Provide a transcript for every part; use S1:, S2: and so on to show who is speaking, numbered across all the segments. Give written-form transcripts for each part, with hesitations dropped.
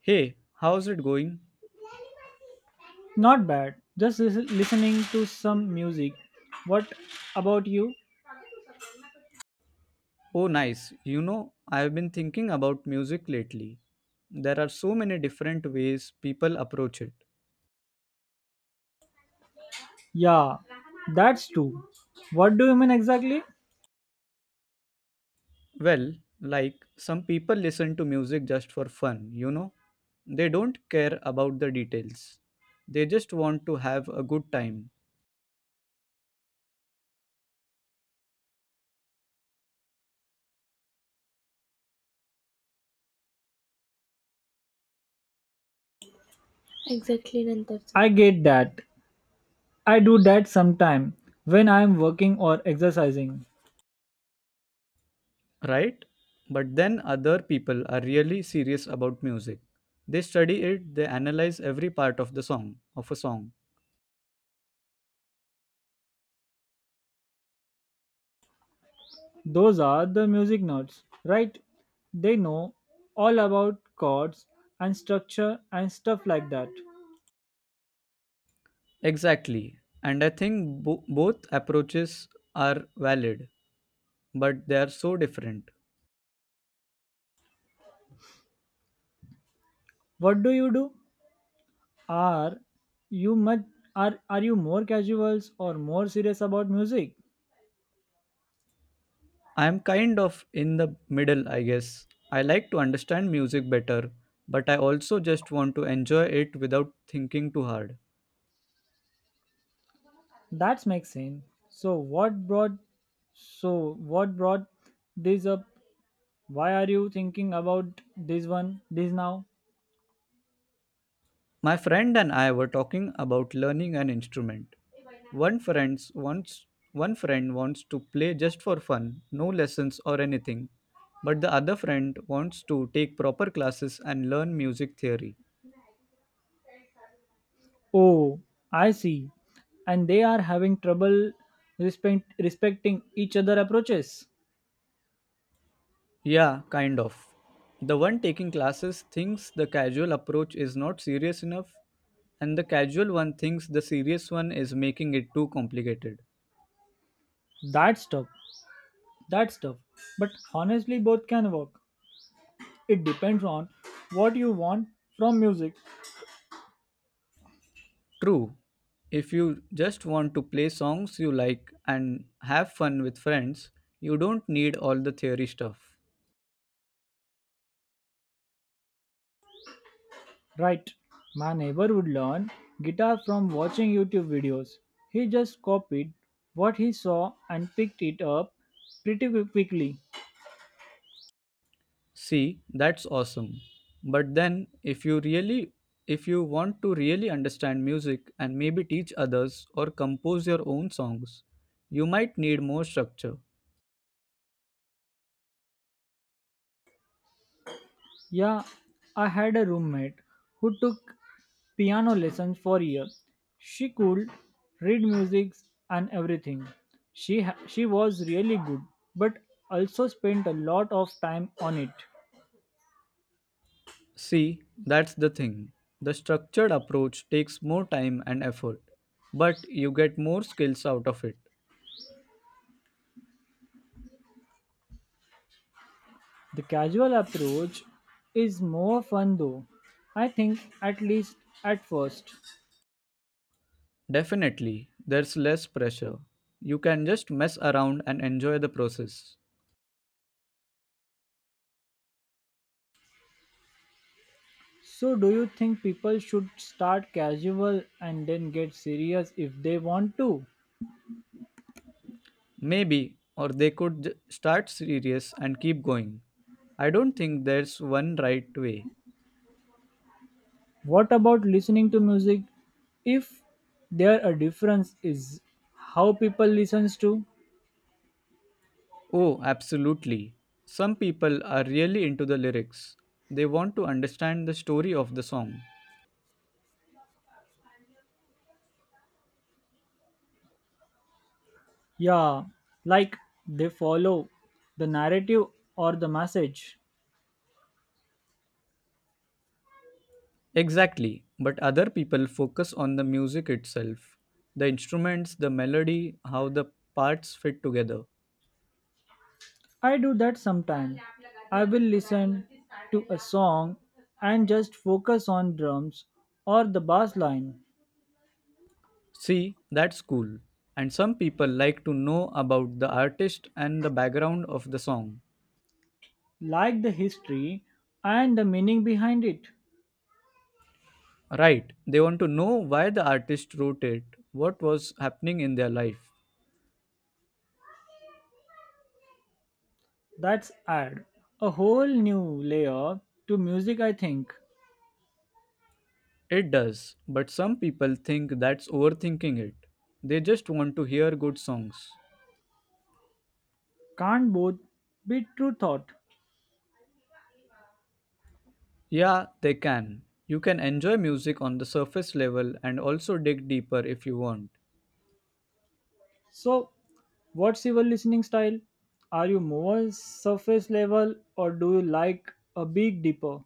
S1: Hey, how's it going?
S2: Not bad. Just listening to some music. What about you?
S1: Oh, nice. You know, I've been thinking about music lately. There are so many different ways people approach it.
S2: Yeah, that's true. What do you mean exactly?
S1: Well, like some people listen to music just for fun, you know? They don't care about the details. They just want to have a good time,
S2: Exactly, Nantarji. I get that. I do that sometime when I am working or exercising.
S1: right? But then other people are really serious about music. They study it, they analyze every part of the song, of a song.
S2: Those are the music notes, right? They know all about chords and structure and stuff like that.
S1: Exactly. And I think both approaches are valid, but they are so different.
S2: What do you do? Are you much are you more casuals or more serious about music?
S1: I am kind of in the middle, I guess. I like to understand music better, but I also just want to enjoy it without thinking too hard.
S2: That makes sense. So what brought so what brought this up? Why are you thinking about this one this now?
S1: My friend and I were talking about learning an instrument. One friend's wants One friend wants to play just for fun, no lessons or anything, but the other friend wants to take proper classes and learn music theory.
S2: Oh, I see. And they are having trouble respecting each other approaches.
S1: Yeah, kind of. The one taking classes thinks the casual approach is not serious enough, and the casual one thinks the serious one is making it too complicated.
S2: That's tough. That's tough. But honestly both can work. It depends on what you want from music.
S1: True, if you just want to play songs you like and have fun with friends, you don't need all the theory stuff.
S2: Right, my neighbor would learn guitar from watching YouTube videos. He just copied what he saw and picked it up pretty quickly.
S1: See, that's awesome. But then if you want to really understand music and maybe teach others or compose your own songs, you might need more structure.
S2: Yeah, I had a roommate who took piano lessons for years. She could read music and everything. She was really good, but also spent a lot of time on it.
S1: See, that's the thing. The structured approach takes more time and effort, but you get more skills out of it.
S2: The casual approach is more fun though. I think at least at first.
S1: Definitely, there's less pressure. You can just mess around and enjoy the process.
S2: So, do you think people should start casual and then get serious if they want to?
S1: Maybe, or they could start serious and keep going. I don't think there's one right way.
S2: What about listening to music? If there a difference is how people listens to?
S1: Oh, absolutely. Some people are really into the lyrics. They want to understand the story of the song.
S2: Yeah, like they follow the narrative or the message.
S1: Exactly, but other people focus on the music itself, the instruments, the melody, how the parts fit together.
S2: I do that sometimes. I will listen to a song and just focus on drums or the bass line,
S1: See, that's cool. And some people like to know about the artist and the background of the song.
S2: like the history and the meaning behind it.
S1: Right, they want to know why the artist wrote it, what was happening in their life.
S2: That's add a whole new layer to music, I think.
S1: It does, but some people think that's overthinking it. They just want to hear good songs.
S2: Can't both be true thought.
S1: Yeah, they can. You can enjoy music on the surface level and also dig deeper if you want.
S2: So, what's your listening style? Are you more surface level or do you like a big deeper?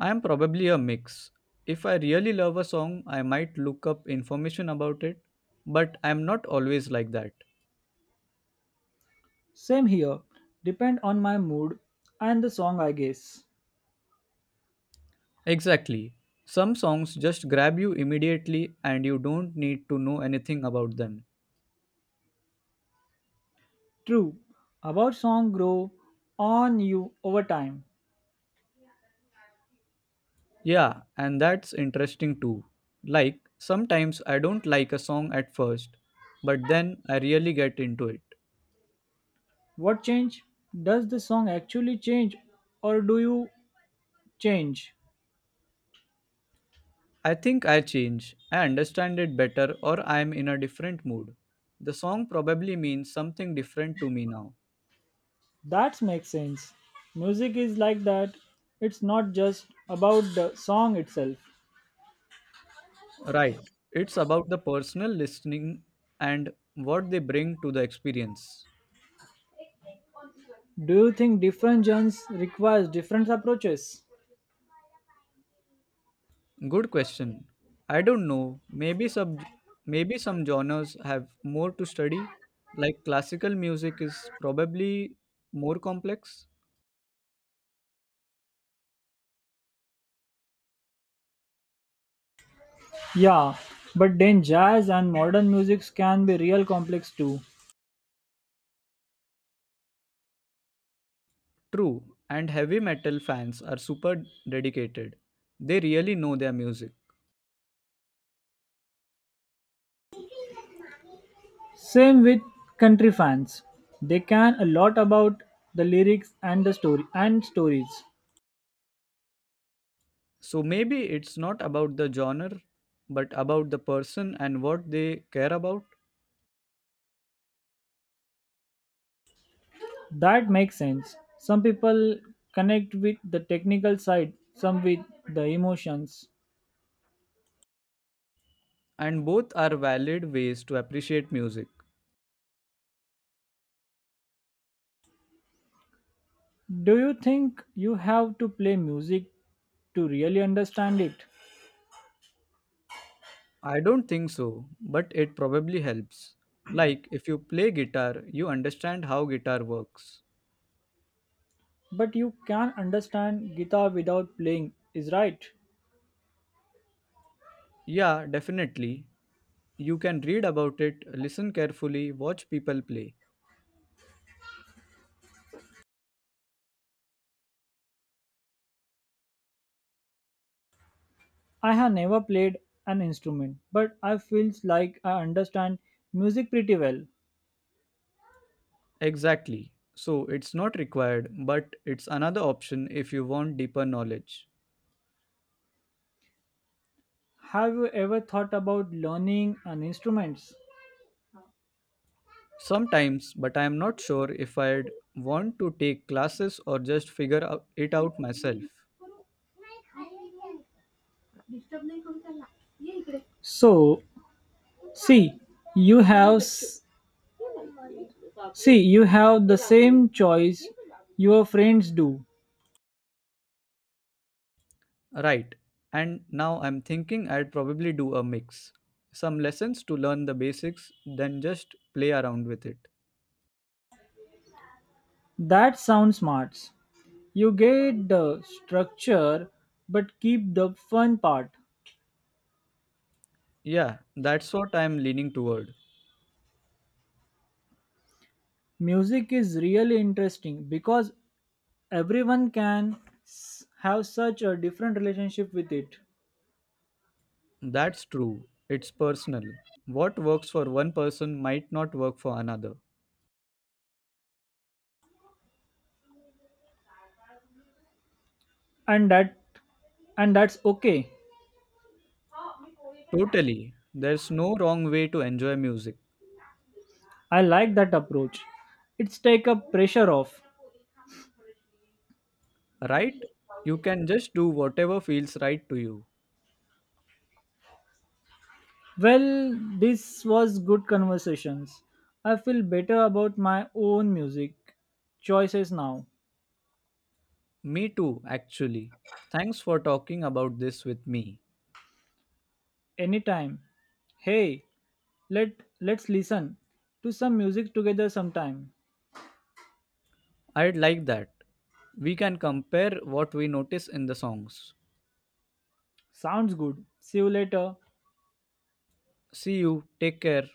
S1: I am probably a mix. If I really love a song, I might look up information about it, but I am not always like that.
S2: Same here. Depend on my mood and the song, I guess.
S1: Exactly. Some songs just grab you immediately and you don't need to know anything about them.
S2: True. About song grow on you over time.
S1: Yeah, and that's interesting too. Like, sometimes I don't like a song at first, but then I really get into it.
S2: What change? Does the song actually change or do you change?
S1: I think I change. I understand it better or I am in a different mood. The song probably means something different to me now.
S2: That makes sense. Music is like that. It's not just about the song itself.
S1: Right. It's about the personal listening and what they bring to the experience.
S2: Do you think different genres requires different approaches?
S1: Good question. I don't know. Maybe some genres have more to study. Like classical music is probably more complex.
S2: Yeah, but then jazz and modern music can be real complex too.
S1: True, and heavy metal fans are super dedicated. They really know their music.
S2: Same with country fans. They can a lot about the lyrics and the story and stories.
S1: So maybe it's not about the genre, but about the person and what they care about.
S2: That makes sense. Some people connect with the technical side, some with the emotions.
S1: And both are valid ways to appreciate music.
S2: Do you think you have to play music to really understand it?
S1: I don't think so, but it probably helps. Like if you play guitar, you understand how guitar works.
S2: But you can understand guitar without playing, is right.
S1: Yeah, definitely. You can read about it, listen carefully, watch people play.
S2: I have never played an instrument, but I feels like I understand music pretty well.
S1: Exactly. So it's not required, but it's another option if you want deeper knowledge.
S2: Have you ever thought about learning an instruments?
S1: Sometimes, but I am not sure if I'd want to take classes or just figure it out myself.
S2: So, see, you have s- see you have the same choice your friends do.
S1: Right, and now I'm thinking I'd probably do a mix. Some lessons to learn the basics, then just play around with it.
S2: That sounds smart. You get the structure but keep the fun part.
S1: Yeah, that's what I'm leaning toward.
S2: Music is really interesting because everyone can have such a different relationship with it.
S1: That's true. It's personal. What works for one person might not work for another.
S2: And that and that's okay.
S1: Totally. There's no wrong way to enjoy music,
S2: I like that approach. It's take a pressure off.
S1: right? You can just do whatever feels right to you.
S2: Well, this was good conversations. I feel better about my own music choices now.
S1: Me too, actually. Thanks for talking about this with me.
S2: Anytime. Hey, Let let's listen to some music together sometime.
S1: I'd like that. We can compare what we notice in the songs.
S2: Sounds good. See you later.
S1: See you, take care.